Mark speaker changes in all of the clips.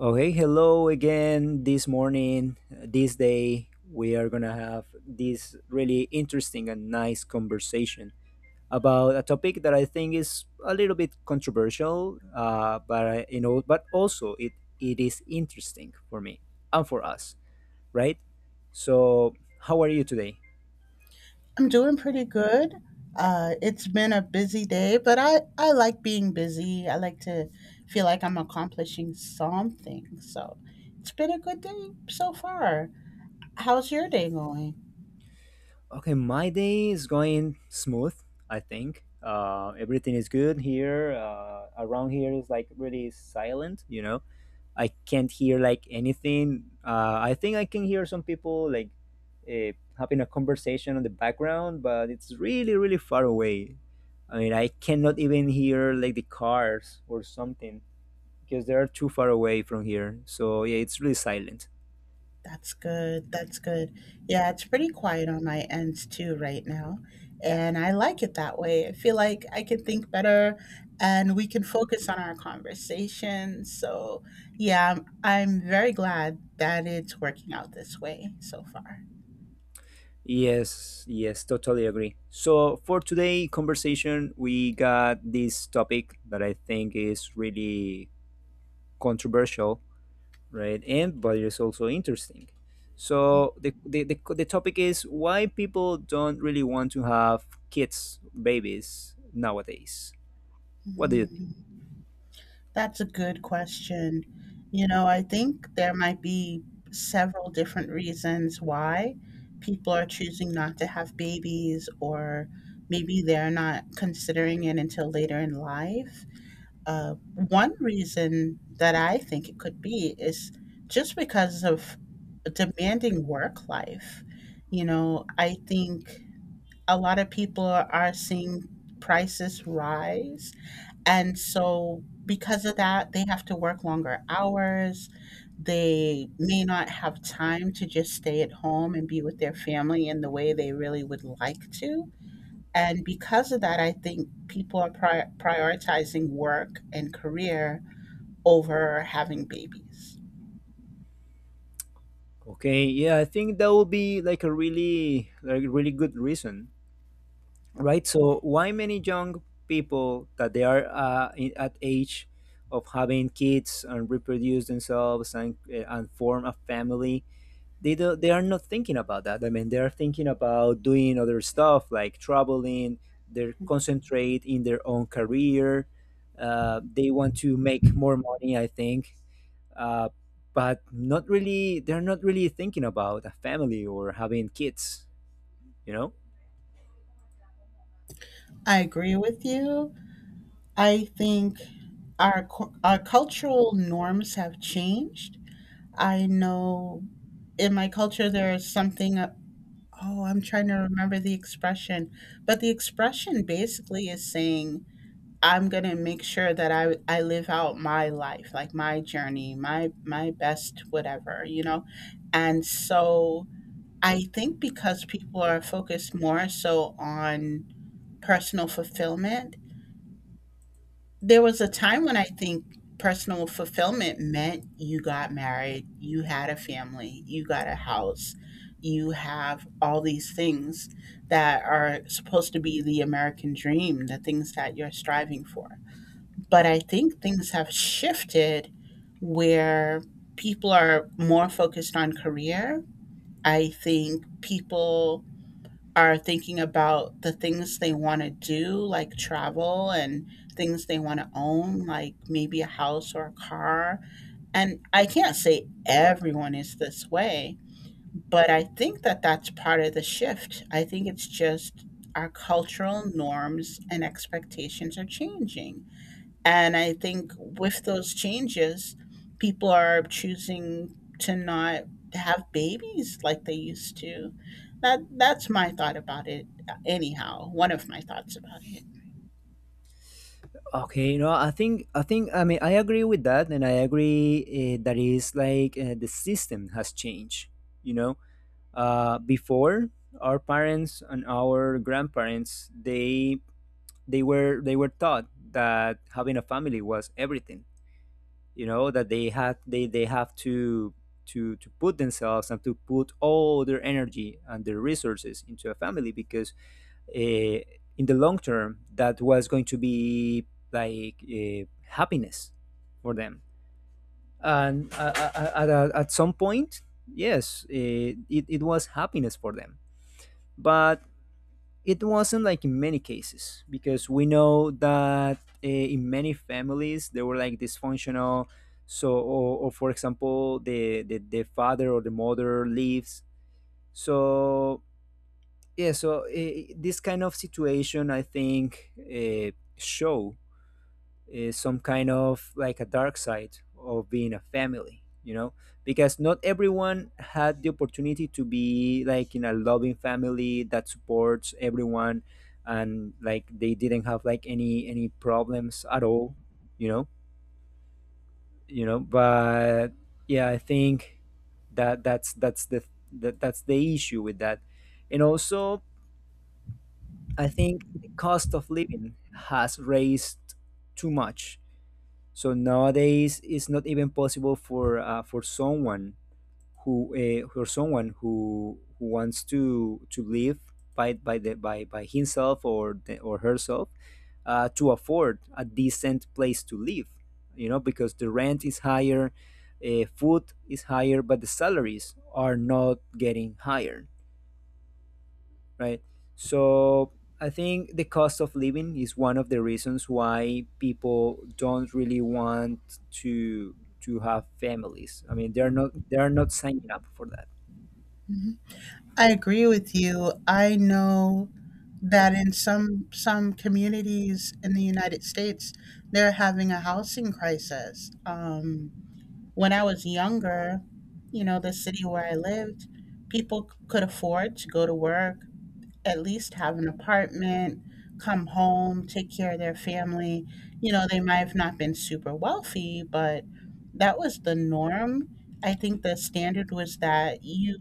Speaker 1: Okay, hello again this morning. This day, we are going to have this really interesting and nice conversation about a topic that I think is a little bit controversial, but but also it is interesting for me and for us, right? So, how are you today?
Speaker 2: I'm doing pretty good. It's been a busy day, but I like being busy. I like to feel like I'm accomplishing something. So it's been a good day so far. How's your day going?
Speaker 1: Okay, my day is going smooth, I think. Everything is good here. Around here is like really silent, you know I can't hear like anything. I think I can hear some people like uh, having a conversation on the background, but it's really really far away. I mean, I cannot even hear like the cars or something because they are too far away from here. So yeah, it's really silent.
Speaker 2: That's good. That's good. Yeah, it's pretty quiet on my end too right now. And I like it that way. I feel like I can think better and we can focus on our conversation. So, yeah, I'm very glad that it's working out this way so far.
Speaker 1: Yes, yes, totally agree. So for today conversation, we got this topic that I think is really controversial, right? And but it's also interesting. So the topic is why people don't really want to have kids, babies nowadays. What do you think?
Speaker 2: Mm, that's a good question. You know, I think there might be several different reasons why people are choosing not to have babies, or maybe they're not considering it until later in life. One reason that I think it could be is just because of demanding work life. You know, I think a lot of people are seeing prices rise, and so, because of that, they have to work longer hours. They may not have time to just stay at home and be with their family in the way they really would like to. And because of that, I think people are prioritizing work and career over having babies.
Speaker 1: Okay, yeah, I think that would be like a really like really good reason, right? So why many young people that they are at age of having kids and reproduce themselves and form a family they are not thinking about that. I mean, they are thinking about doing other stuff like traveling. They concentrate in their own career. They want to make more money, I think, uh, but not really. They're not really thinking about a family or having kids. You know.
Speaker 2: I agree with you. I think our our cultural norms have changed. I know in my culture there's something. Oh, I'm trying to remember the expression. But the expression basically is saying, I'm gonna make sure that I live out my life, like my journey, my best whatever, you know? And so I think because people are focused more so on personal fulfillment, there was a time when I think personal fulfillment meant you got married, you had a family, you got a house, you have all these things that are supposed to be the American dream, the things that you're striving for. But I
Speaker 1: Mhm.
Speaker 2: think things have shifted where people are more focused on career. I think people are thinking about the things they wanna do, like travel, and things they wanna own, like maybe a house or a car, and I can't say everyone is this way, but I think that that's part of the shift. I think it's just our cultural norms and expectations are changing. And I think with those changes, people are choosing to not have babies like they used to. That's my thought about it. Anyhow, one of my thoughts about it.
Speaker 1: Okay, no, I think I mean I agree with that, and I agree that is like the system has changed. You know, before our parents and our grandparents they were taught that having a family was everything, you know, that they had they have to to put themselves and to put all their energy and their resources into a family because uh, in the long term that was going to be like happiness for them and at some point, yes, it was happiness for them, but it wasn't like in many cases because we know that in many families they were like dysfunctional. So or for example the father or the mother leaves. So yeah, so this kind of situation, I think, show is some kind of like a dark side of being a family, you know, because not everyone had the opportunity to be like in a loving family that supports everyone, and like they didn't have like any problems at all, you know. But yeah, I think that's the that's the issue with that. And also I think the cost of living has raised too much. So nowadays, it's not even possible for someone who wants to live by himself or or herself to afford a decent place to live. You know, because the rent is higher, food is higher, but the salaries are not getting higher, right? So I think the cost of living is one of the reasons why people don't really want to have families. I mean, they're not signing up for that.
Speaker 2: Mhm. I agree with you. I know that in some communities in the United States, they're having a housing crisis. When I was younger, you know, the city where I lived, people could afford to go to work, at least have an apartment, come home, take care of their family. You know, they might have not been super wealthy, but that was the norm. I think the standard was that you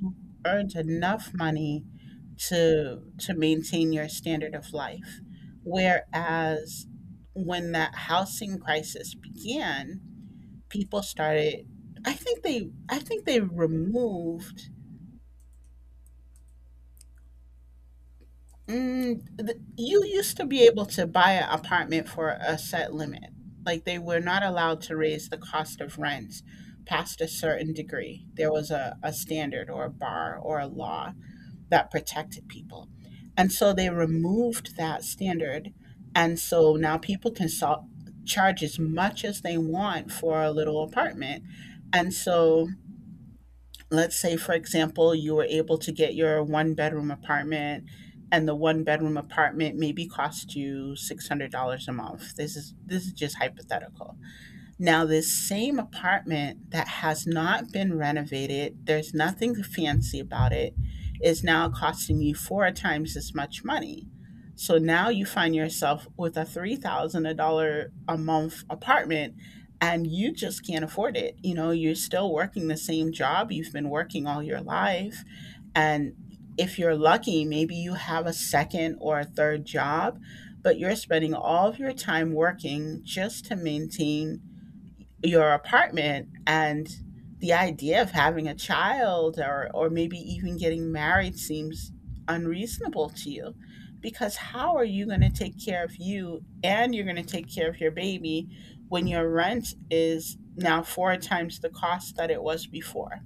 Speaker 2: earned enough money to maintain your standard of life. Whereas, when that housing crisis began, people started. I think they removed. You used to be able to buy an apartment for a set limit. Like they were not allowed to raise the cost of rent past a certain degree. There was a standard or a bar or a law that protected people. And so they removed that standard. And so now people can charge as much as they want for a little apartment. And so let's say, for example, you were able to get your one bedroom apartment, and the one bedroom apartment maybe cost you $600 a month. This is just hypothetical. Now, this same apartment, that has not been renovated, there's nothing fancy about it, is now costing you four times as much money. So now you find yourself with a $3,000 a month apartment, and you just can't afford it. You know, you're still working the same job you've been working all your life, and if you're lucky, maybe you have a second or a third job, but you're spending all of your time working just to maintain your apartment, and the idea of having a child, or maybe even getting married, seems unreasonable to you. Because how are you going to take care of you, and you're going to take care of your baby when your rent is now four times the cost that it was before?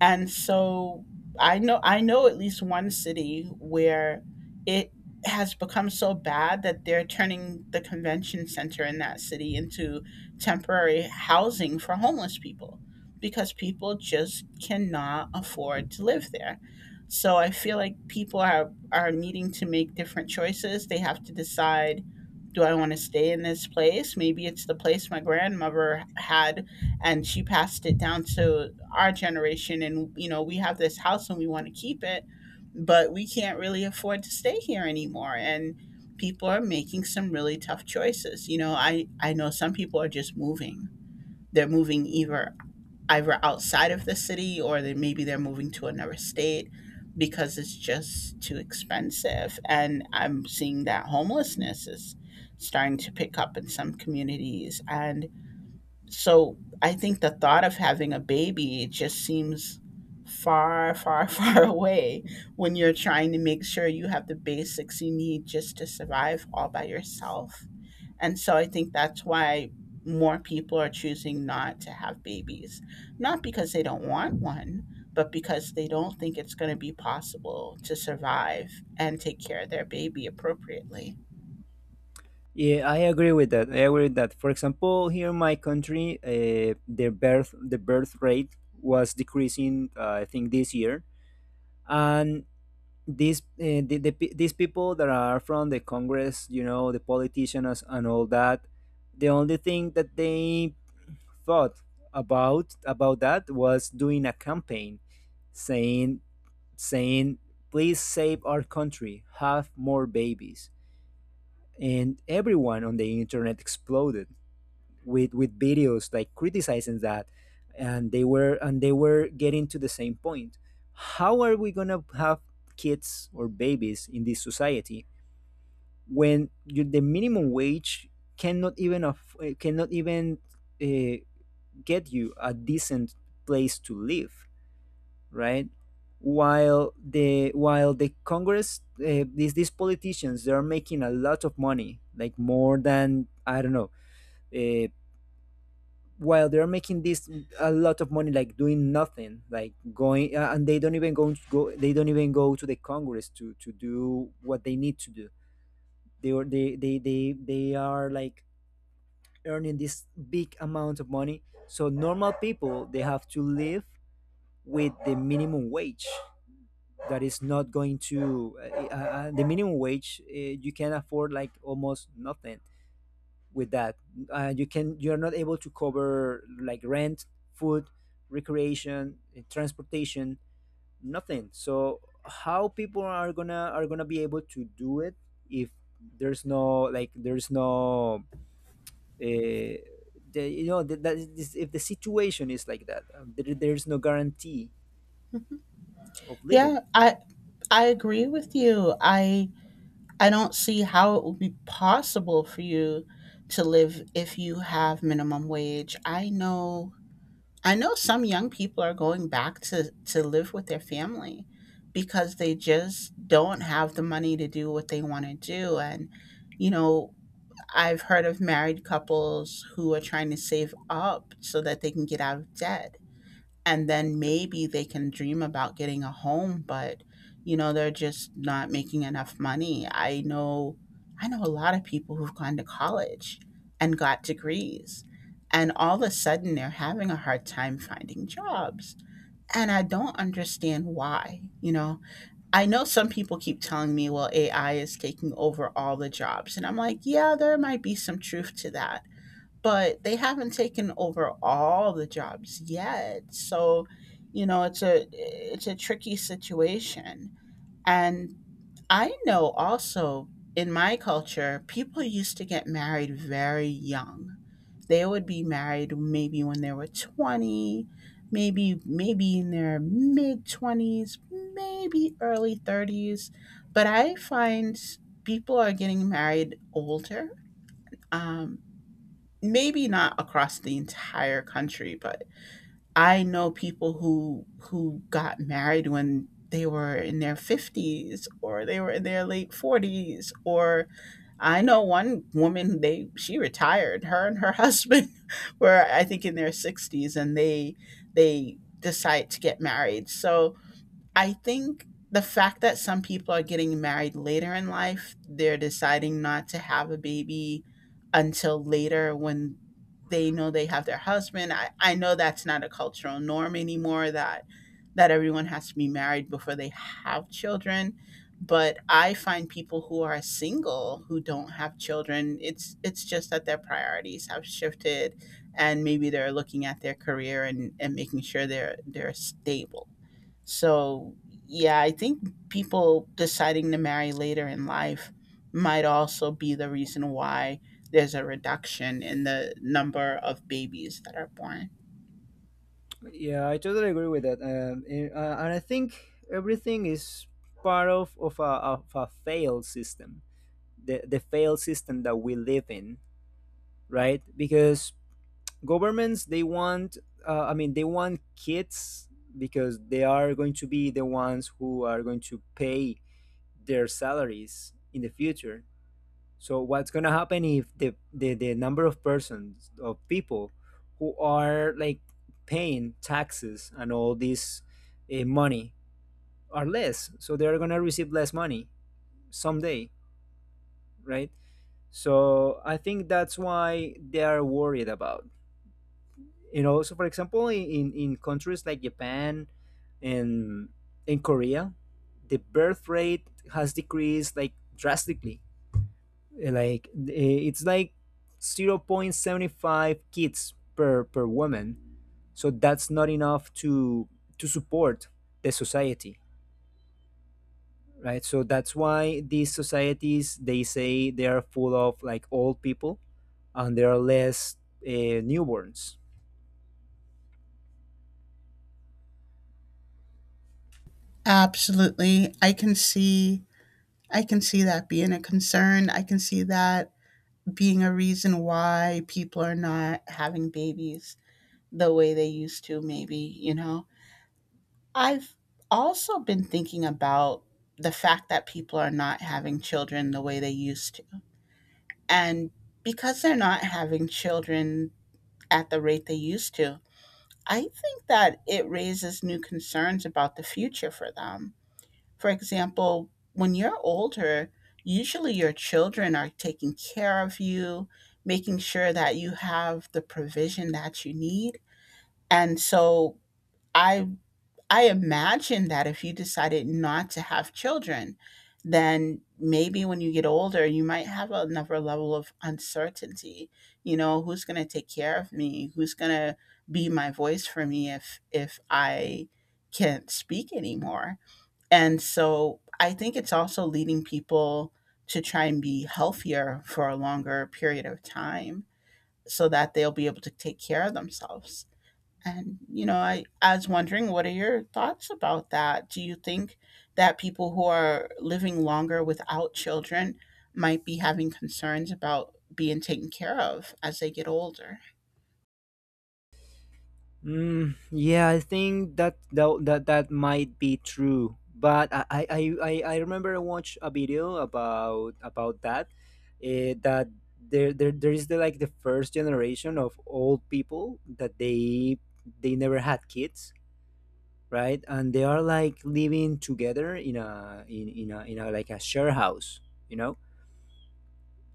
Speaker 2: And so I know at least one city where it has become so bad that they're turning the convention center in that city into temporary housing for homeless people, because people just cannot afford to live there. So I feel like people are needing to make different choices. They have to decide, do I want to stay in this place? Maybe it's the place my grandmother had, and she passed it down to our generation, and you know, we have this house and we want to keep it, but we can't really afford to stay here anymore. And people are making some really tough choices. You know, I know some people are just moving. They're moving either outside of the city, or they, maybe they're moving to another state, because it's just too expensive. And I'm seeing that homelessness is starting to pick up in some communities. And so I think the thought of having a baby, it just seems far, far, far away when you're trying to make sure you have the basics you need just to survive all by yourself. And so I think that's why more people are choosing not to have babies. Not because they don't want one, but because they don't think it's going to be possible to survive and take care of their baby appropriately.
Speaker 1: Yeah, I agree with that. I agree with that. For example, here in my country, the birth rate was decreasing. I think this year, and these these people that are from the Congress, you know, the politicians and all that, the only thing that they thought about that was doing a campaign saying saying, please save our country, have more babies. And everyone on the internet exploded with videos like criticizing that. And they were getting to the same point: how are we going to have kids or babies in this society when you, the minimum wage cannot even cannot even uh, get you a decent place to live, right? While the Congress, these politicians, they are making a lot of money, like more than I don't know. Uh, while they're making this a lot of money, like doing nothing, like going, and they don't even they don't even go to the Congress to do what they need to do. They are they are like earning this big amount of money. So normal people, they have to live with the minimum wage that is not going to the minimum wage, you can afford like almost nothing with that. Uh, you can, you're not able to cover like rent, food, recreation, transportation, nothing. So how people are gonna be able to do it if there's no like there's no uh, you know that, if the situation is like that, there's no guarantee of
Speaker 2: Yeah,
Speaker 1: living.
Speaker 2: I agree with you. I don't see how it would be possible for you to live if you have minimum wage. I know some young people are going back to live with their family, because they just don't have the money to do what they want to do. And you know, I've heard of married couples who are trying to save up so that they can get out of debt, and then maybe they can dream about getting a home. But you know, they're just not making enough money. I know a lot of people who've gone to college and got degrees, and all of a sudden they're having a hard time finding jobs, and I don't understand why. You know, I know some people keep telling me, well, AI is taking over all the jobs, and I'm like, yeah, there might be some truth to that, but they haven't taken over all the jobs yet. So, you know, it's a tricky situation. And I know also, in my culture, people used to get married very young. They would be married maybe when they were 20, maybe in their mid 20s, maybe early 30s, but I find people are getting married older. Um Maybe not across the entire country, but I know people who got married when they were in their 50s, or they were in their late 40s. Or I know one woman, they she retired, her and her husband were I think in their 60s, and they decide to get married. So I think the fact that some people are getting married later in life, they're deciding not to have a baby until later, when they know they have their husband. I know that's not a cultural norm anymore, that everyone has to be married before they have children. But I find people who are single, who don't have children, it's just that their priorities have shifted, and maybe they're looking at their career, and making sure they're stable. So, yeah, I think people deciding to marry later in life might also be the reason why there's a reduction in the number of babies that are born.
Speaker 1: Yeah, I totally agree with that. And I think everything is part of a failed system, the failed system that we live in, right? Because governments, they want, I mean, they want kids because they are going to be the ones who are going to pay their salaries in the future. So what's gonna happen if the number of persons of people who are like paying taxes and all this money are less? So they're gonna receive less money someday, right? So I think that's why they are worried about. You know, so for example, in, in countries like Japan and in Korea, the birth rate has decreased like drastically, like it's like 0.75 kids per woman. So that's not enough to support the society, right? So that's why these societies, they say they are full of like old people, and there are less newborns.
Speaker 2: Absolutely. I can see that being a concern. I can see that being a reason why people are not having babies the way they used to maybe. I've also been thinking about the fact that people are not having children the way they used. And because they're not having children at the rate they used to, I think that it raises new concerns about the future for them. For example, when you're older, usually your children are taking care of you, making sure that you have the provision that you need. And so I I imagine that if you decided not to have children, then maybe when you get older, you might have another level of uncertainty. You know, who's going to take care of me? Who's going to be my voice for me if I can't speak anymore? And so I think it's also leading people to try and be healthier for a longer period of time so that they'll be able to take care of themselves. And I was wondering, what are your thoughts about that? Do you think that people who are living longer without children might be having concerns about being taken care of as they get older?
Speaker 1: Mm, yeah, I think that that might be true. But I I remember I watched a video about that. That there there is the like the first generation of old people that they never had kids, right? And they are like living together in a in a like a share house, you know.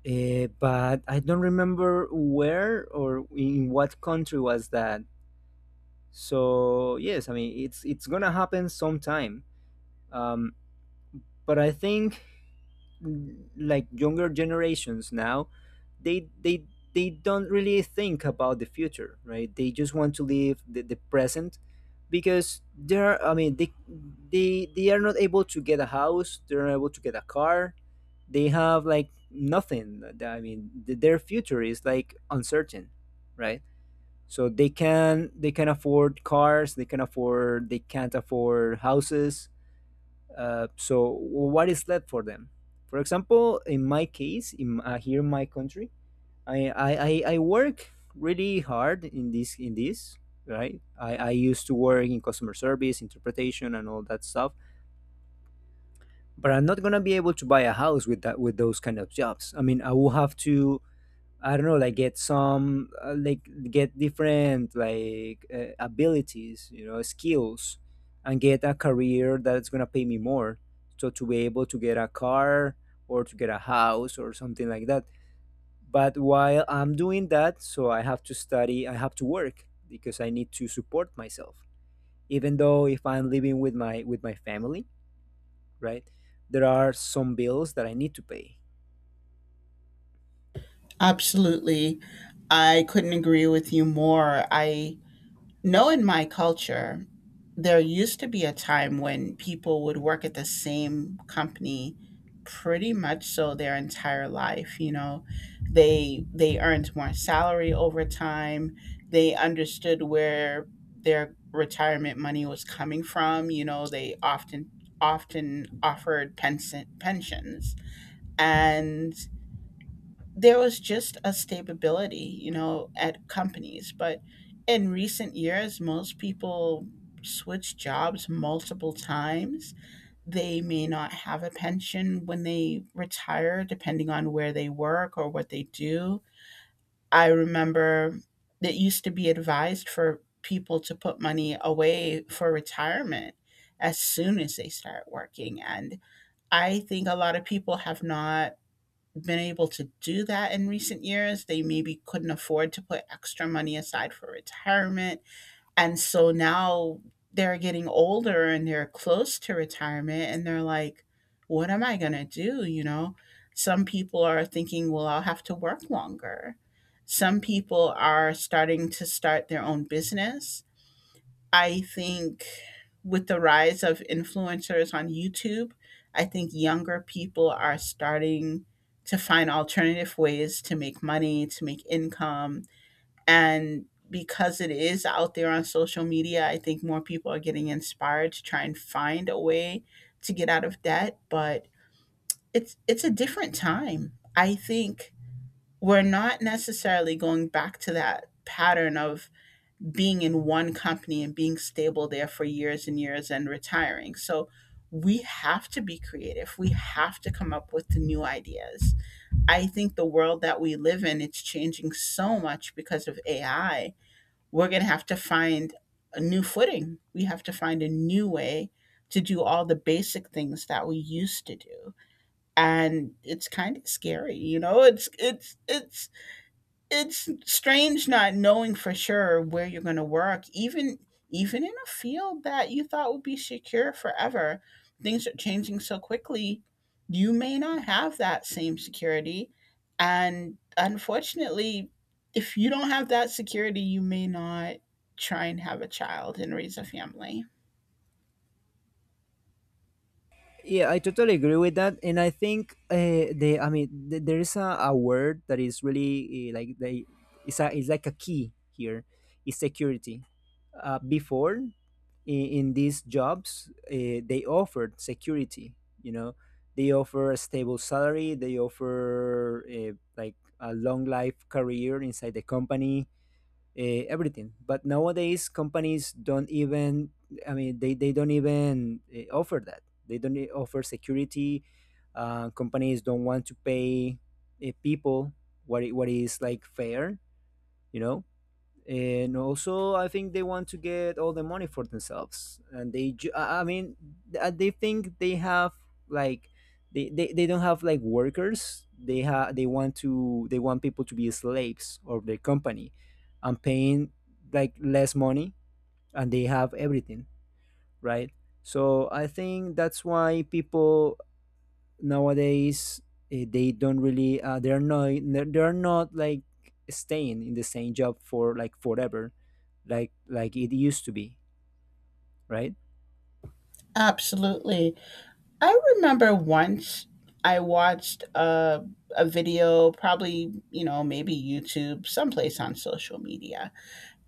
Speaker 1: But I don't remember where or in what country was that. So yes, I mean it's gonna happen sometime. Um, but I think like younger generations now, they they they don't really think about the future, right? They just want to live the present because they're I mean they are not able to get a house, they're not able to get a car, they have like nothing. I mean their future is like uncertain, right? So they can afford cars, they can afford, they can't afford houses. Uh, so what is left for them? For example, in my case, in here in my country, I work really hard in this right. I used to work in customer service interpretation and all that stuff, but I'm not going to be able to buy a house with that, with those kind of jobs. I mean, I will have to, I don't know, like get some, like get different like abilities, you know, skills, and get a career that's gonna pay me more, so to be able to get a car or to get a house or something like that. But while I'm doing that, so I have to study, I have to work because I need to support myself. Even though if I'm living with my family, right, there are some bills that I need to pay.
Speaker 2: Absolutely. I couldn't agree with you more. I no, in my culture, there used to be a time when people would work at the same company pretty much so their entire life. They earned more salary over time. They understood where their retirement money was coming from, they often offered pensions. And there was just a stability at companies. But in recent years, most people switch jobs multiple times. They may not have a pension when they retire, depending on where they work or what they do. I remember it used to be advised for people to put money away for retirement as soon as they start working. And I think a lot of people have not been able to do that in recent years. They maybe couldn't afford to put extra money aside for retirement. And so now they're getting older and they're close to retirement and they're like, what am I going to do? You know, some people are thinking, well, I'll have to work longer. Some people are starting to start their own business. I think with the rise of influencers on YouTube, I think younger people are starting to find alternative ways to make money, to make income. And because it is out there on social media, I think more people are getting inspired to try and find a way to get out of debt, but it's a different time. I think we're not necessarily going back to that pattern of being in one company and being stable there for years and years and retiring. So we have to be creative. We have to come up with new ideas. I think the world that we live in, it's changing so much because of AI. We're going to have to find a new footing. We have to find a new way to do all the basic things that we used to do. And it's kind of scary, you know? It's strange not knowing for sure where you're going to work, even in a field that you thought would be secure forever. Things are changing so quickly. You may not have that same security, and unfortunately, if you don't have that security you may not try and have a child and raise a family.
Speaker 1: Yeah, I totally agree with that, and I think the I mean there is a word that is really like they, it's a, it's like a key here, is security. Before in these jobs, they offered security. You know, they offer a stable salary. They offer like a long life career inside the company, everything. But nowadays, companies don't even, I mean, they don't even offer that. They don't offer security. Companies don't want to pay people what, what is like fair, you know? And also, I think they want to get all the money for themselves, and they ju- I mean th- they think they have like they don't have like workers, they have, they want to, they want people to be slaves of their company and paying like less money, and they have everything, right? So I think that's why people nowadays, they don't really they're not, they're not like staying in the same job for like forever, like it used to be, right.
Speaker 2: Absolutely. I remember once I watched a video, probably, you know, maybe YouTube, someplace on social media.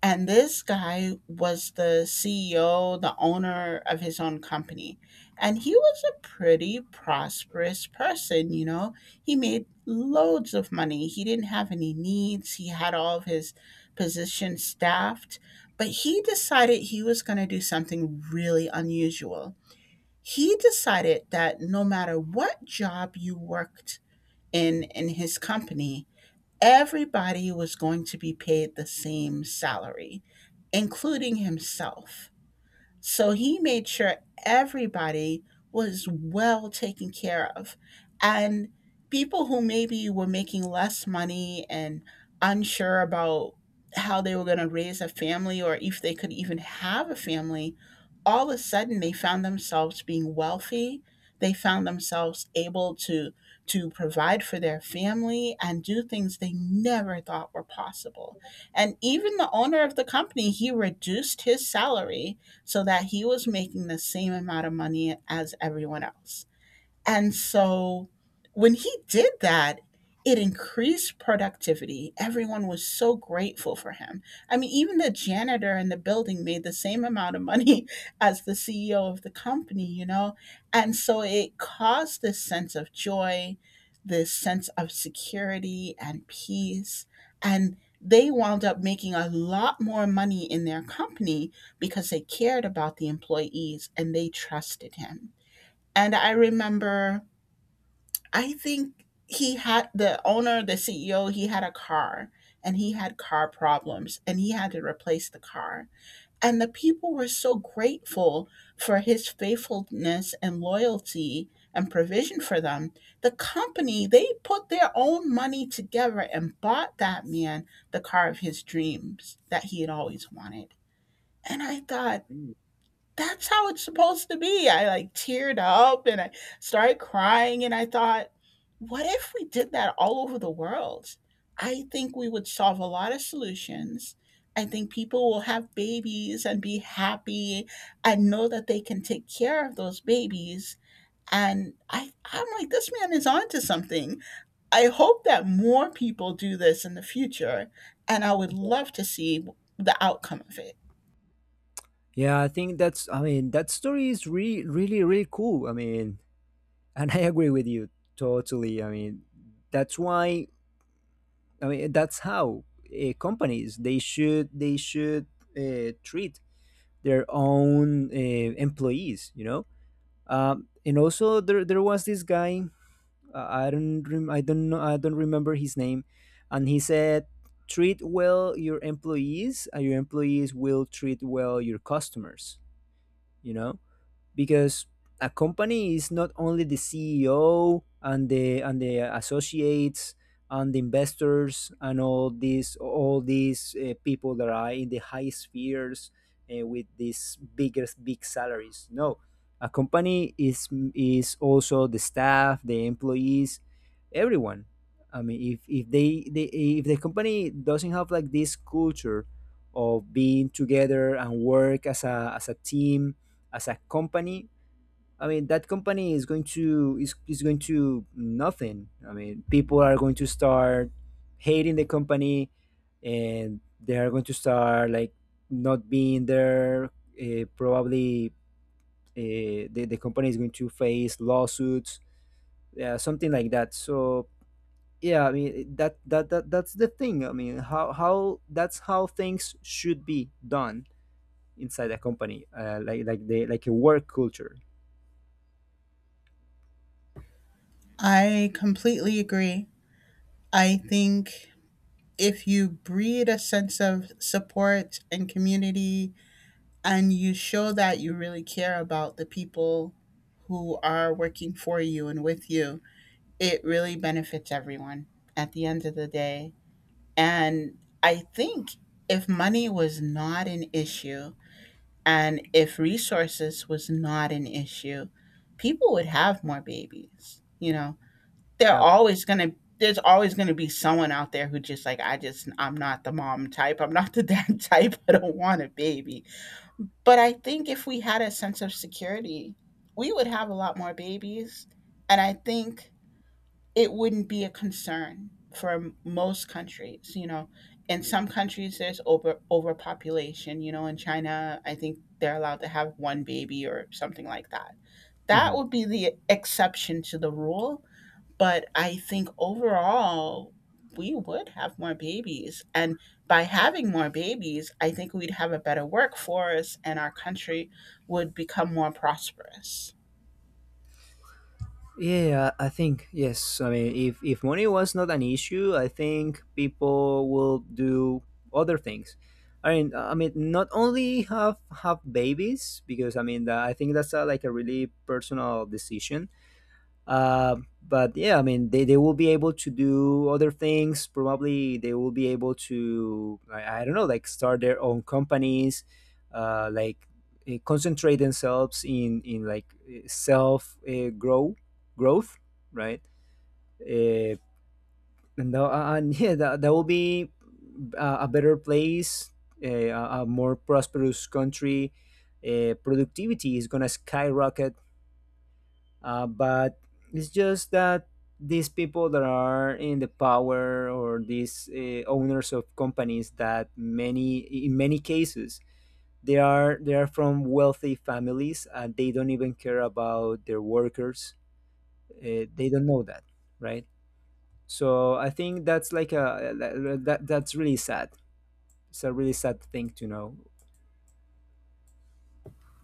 Speaker 2: And this guy was the CEO, the owner of his own company. And he was a pretty prosperous person, you know. He made loads of money. He didn't have any needs. He had all of his positions staffed. But he decided he was going to do something really unusual. He decided that no matter what job you worked in his company, everybody was going to be paid the same salary, including himself. So he made sure everybody was well taken care of. And people who maybe were making less money and unsure about how they were going to raise a family or if they could even have a family, all of a sudden they found themselves being wealthy. They found themselves able to provide for their family and do things they never thought were possible. And even the owner of the company, he reduced his salary so that he was making the same amount of money as everyone else. And so when he did that, it increased productivity. Everyone was so grateful for him. I mean, even the janitor in the building made the same amount of money as the CEO of the company, you know? And so it caused this sense of joy, this sense of security and peace. And they wound up making a lot more money in their company because they cared about the employees and they trusted him. And I remember I think he had the owner, the CEO, he had a car and he had car problems and he had to replace the car. And the people were so grateful for his faithfulness and loyalty and provision for them. The company, they put their own money together and bought that man the car of his dreams that he had always wanted. And I thought,
Speaker 1: Mm.
Speaker 2: that's how it's supposed to be. I like teared up and I started crying and I thought, what if we did that all over the world? I think we would solve a lot of solutions. I think people will have babies and be happy and know that they can take care of those babies. And I'm like, this man is onto something. I hope that more people do this in the future, and I would love to see the outcome of it.
Speaker 1: Yeah, I think that's, I mean, that story is really really really cool, I mean, and I agree with you totally, I mean, that's why, I mean, that's how companies, they should treat their own employees, you know. And also there was this guy. I don't know, I don't remember his name, and he said, "Treat well your employees, and your employees will treat well your customers." You know, because a company is not only the CEO and the associates and the investors and all these people that are in the high spheres with these biggest big salaries. No, a company is also the staff, the employees, everyone. I mean, if they if the company doesn't have like this culture of being together and work as a team as a company, I mean that company is going to nothing. I mean, people are going to start hating the company, and they are going to start like not being there, probably the company is going to face lawsuits, yeah, something like that. So yeah, I mean, that's the thing. I mean, how that's how things should be done inside a company, like the like a work culture,
Speaker 2: I completely agree. I think if you breed a sense of support and community and you show that you really care about the people who are working for you and with you, it really benefits everyone at the end of the day. And I think if money was not an issue and if resources was not an issue, people would have more babies. You know, they're
Speaker 1: yeah.
Speaker 2: always going to there's always going to be someone out there who just like I'm not the mom type. I'm not the dad type. I don't want a baby. But I think if we had a sense of security, we would have a lot more babies and I think it wouldn't be a concern for most countries, you know. In some countries there's overpopulation, you know, in China I think they're allowed to have one baby or something like that. That
Speaker 1: Mhm.
Speaker 2: would be the exception to the rule, but I think overall, we would have more babies. And by having more babies, I think we'd have a better workforce and our country would become more prosperous.
Speaker 1: Yeah, I think yes. I mean, if money was not an issue, I think people will do other things. I mean, not only have babies, because I mean, that I think that's a, like a really personal decision, but yeah, I mean, they will be able to do other things. Probably they will be able to, I don't know, like start their own companies, uh, like concentrate themselves in like self growth, right? Uh, and yeah, that will be a better place, a more prosperous country. Productivity is going to skyrocket, but it's just that these people that are in the power, or these owners of companies, that many in many cases they are from wealthy families, and they don't even care about their workers. They don't know that, right? So I think that's like a that's really sad. It's a really sad thing to know.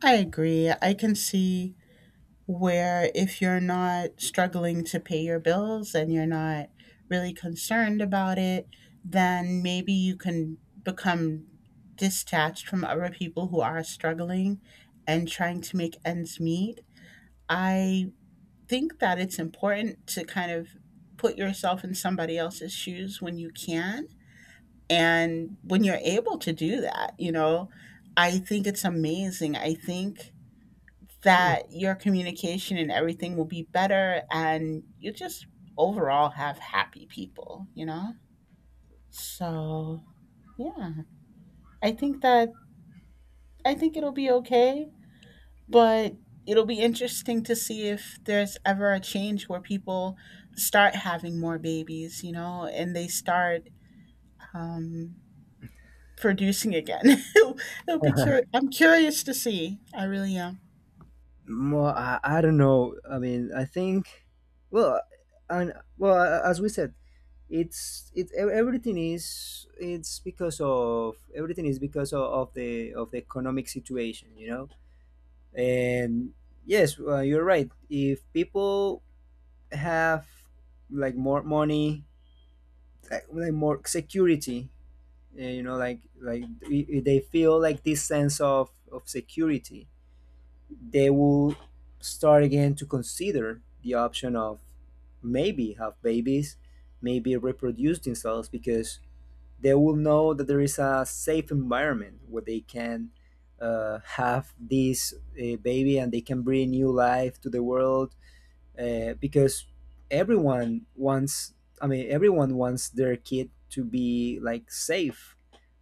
Speaker 2: I agree. I can see where if you're not struggling to pay your bills and you're not really concerned about it, then maybe you can become detached from other people who are struggling and trying to make ends meet. I think that it's important to kind of put yourself in somebody else's shoes when you can, and when you're able to do that, you know, I think it's amazing. I think that your communication and everything will be better and you just overall have happy people, you know? So, yeah. I think that I think it'll be okay. But it'll be interesting to see if there's ever a change where people start having more babies, you know, and they start um, producing again. I'm curious to see. I really am.
Speaker 1: Well, I don't know. I mean, I think, well, as we said, it's because of, everything is because of, of the economic situation, you know. And yes, well, you're right. If people have like more money, like more security, eh, you know, like they feel like this sense of security, they will start again to consider the option of maybe have babies, maybe reproduce themselves, because they will know that there is a safe environment where they can have this baby, and they can bring new life to the world, because everyone wants, I mean, everyone wants their kid to be like safe.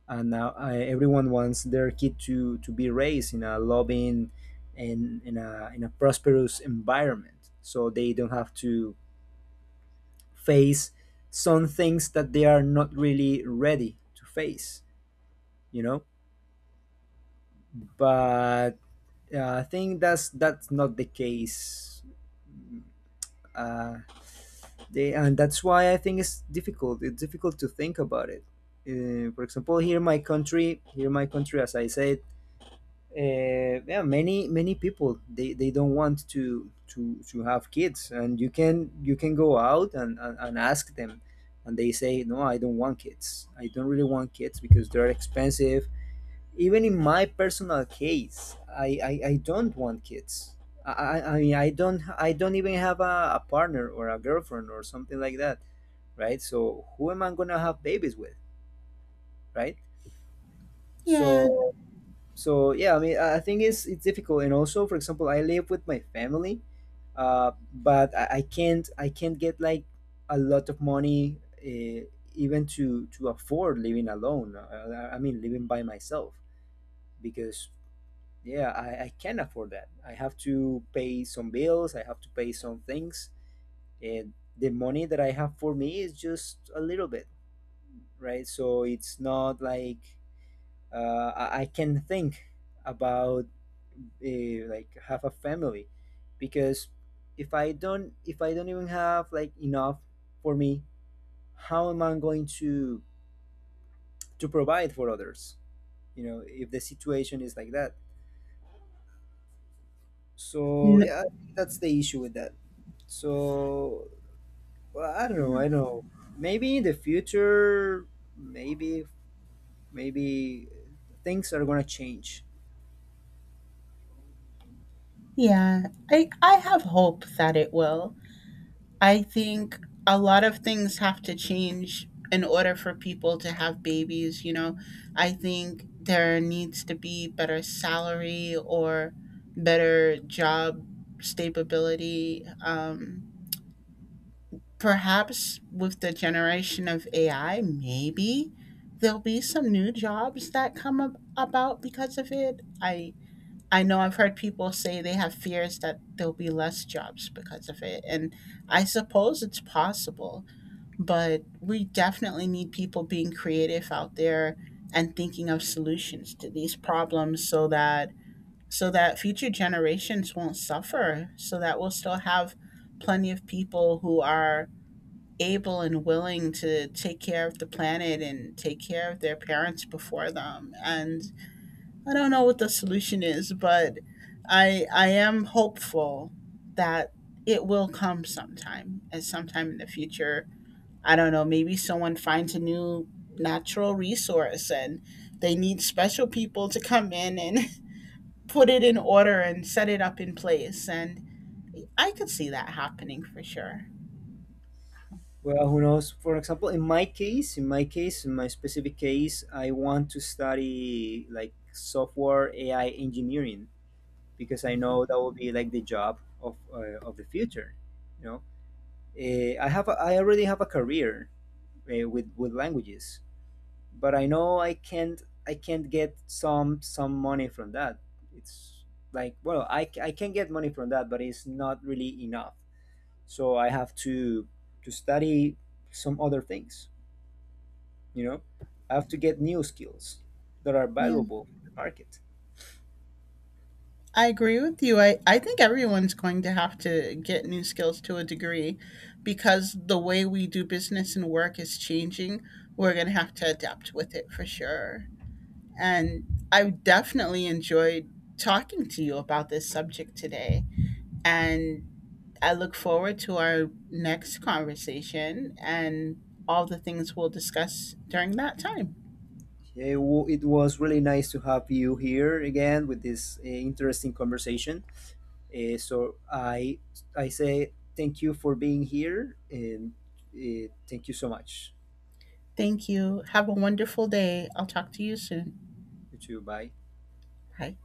Speaker 1: And now everyone wants their kid to be raised in a loving and in a prosperous environment, so they don't have to face some things that they are not really ready to face, you know. But I think that's not the case. Uh, they, and that's why I think it's difficult. It's difficult to think about it. For example, here in my country, here in my country, as I said, uh, yeah, many many people they don't want to have kids, and you can go out and ask them, and they say no, I don't want kids. I don't really want kids because they're expensive. Even in my personal case, I don't want kids. I, I mean, I don't, I don't even have a partner or a girlfriend or something like that, right? So who am I gonna have babies with, right?
Speaker 2: Yeah.
Speaker 1: So so yeah, I mean, I think it's difficult. And also, for example, I live with my family, but I can't, I can't get like a lot of money even to afford living alone. I mean, living by myself, because yeah, I can't afford that. I have to pay some bills. I have to pay some things, and the money that I have for me is just a little bit, right? So it's not like I can think about like have a family, because if I don't, if I don't even have like enough for me, how am I going to provide for others? You know, if the situation is like that. So
Speaker 2: N-
Speaker 1: yeah, I think that's the issue with that. So well, I don't know. I don't know. Maybe in the future, maybe maybe things are gonna change.
Speaker 2: yeah. I have hope that it will. I think a lot of things have to change in order for people to have babies, you know. I think there needs to be better salary or better job stability. Perhaps with the generation of AI, maybe there'll be some new jobs that about because of it. I know I've heard people say they have fears that there'll be less jobs because of it, and I suppose it's possible, but we definitely need people being creative out there and thinking of solutions to these problems so that future generations won't suffer, so that we'll still have plenty of people who are able and willing to take care of the planet and take care of their parents before them. And I don't know what the solution is, but I am hopeful that it will come sometime, and sometime in the future I don't know, maybe someone finds a new natural resource and they need special people to come in and put it in order and set it up in place. And I could see that happening for sure.
Speaker 1: Well, who knows? For example, in my case, in my case, in my specific case, I want to study like software AI engineering, because I know that will be like the job of the future. You know, eh, I have a, I already have a career with languages, but I know I can't, I can't get some money from that. It's like, well, I can get money from that, but it's not really enough. So I have to study some other things, you know, I have to get new skills that are
Speaker 2: Yeah,
Speaker 1: valuable in the market.
Speaker 2: I agree with you. I think everyone's going to have to get new skills to a degree because the way we do business and work is changing. We're going to have to adapt with it for sure. And I definitely enjoyed talking to you about this subject today. And I look forward to our next conversation and all the things we'll discuss during that time.
Speaker 1: It was really nice to have you here again with this interesting conversation, so I say thank you for being here, and thank you so much.
Speaker 2: Thank you. Have a wonderful day. I'll talk to you soon.
Speaker 1: You too, bye.
Speaker 2: Bye.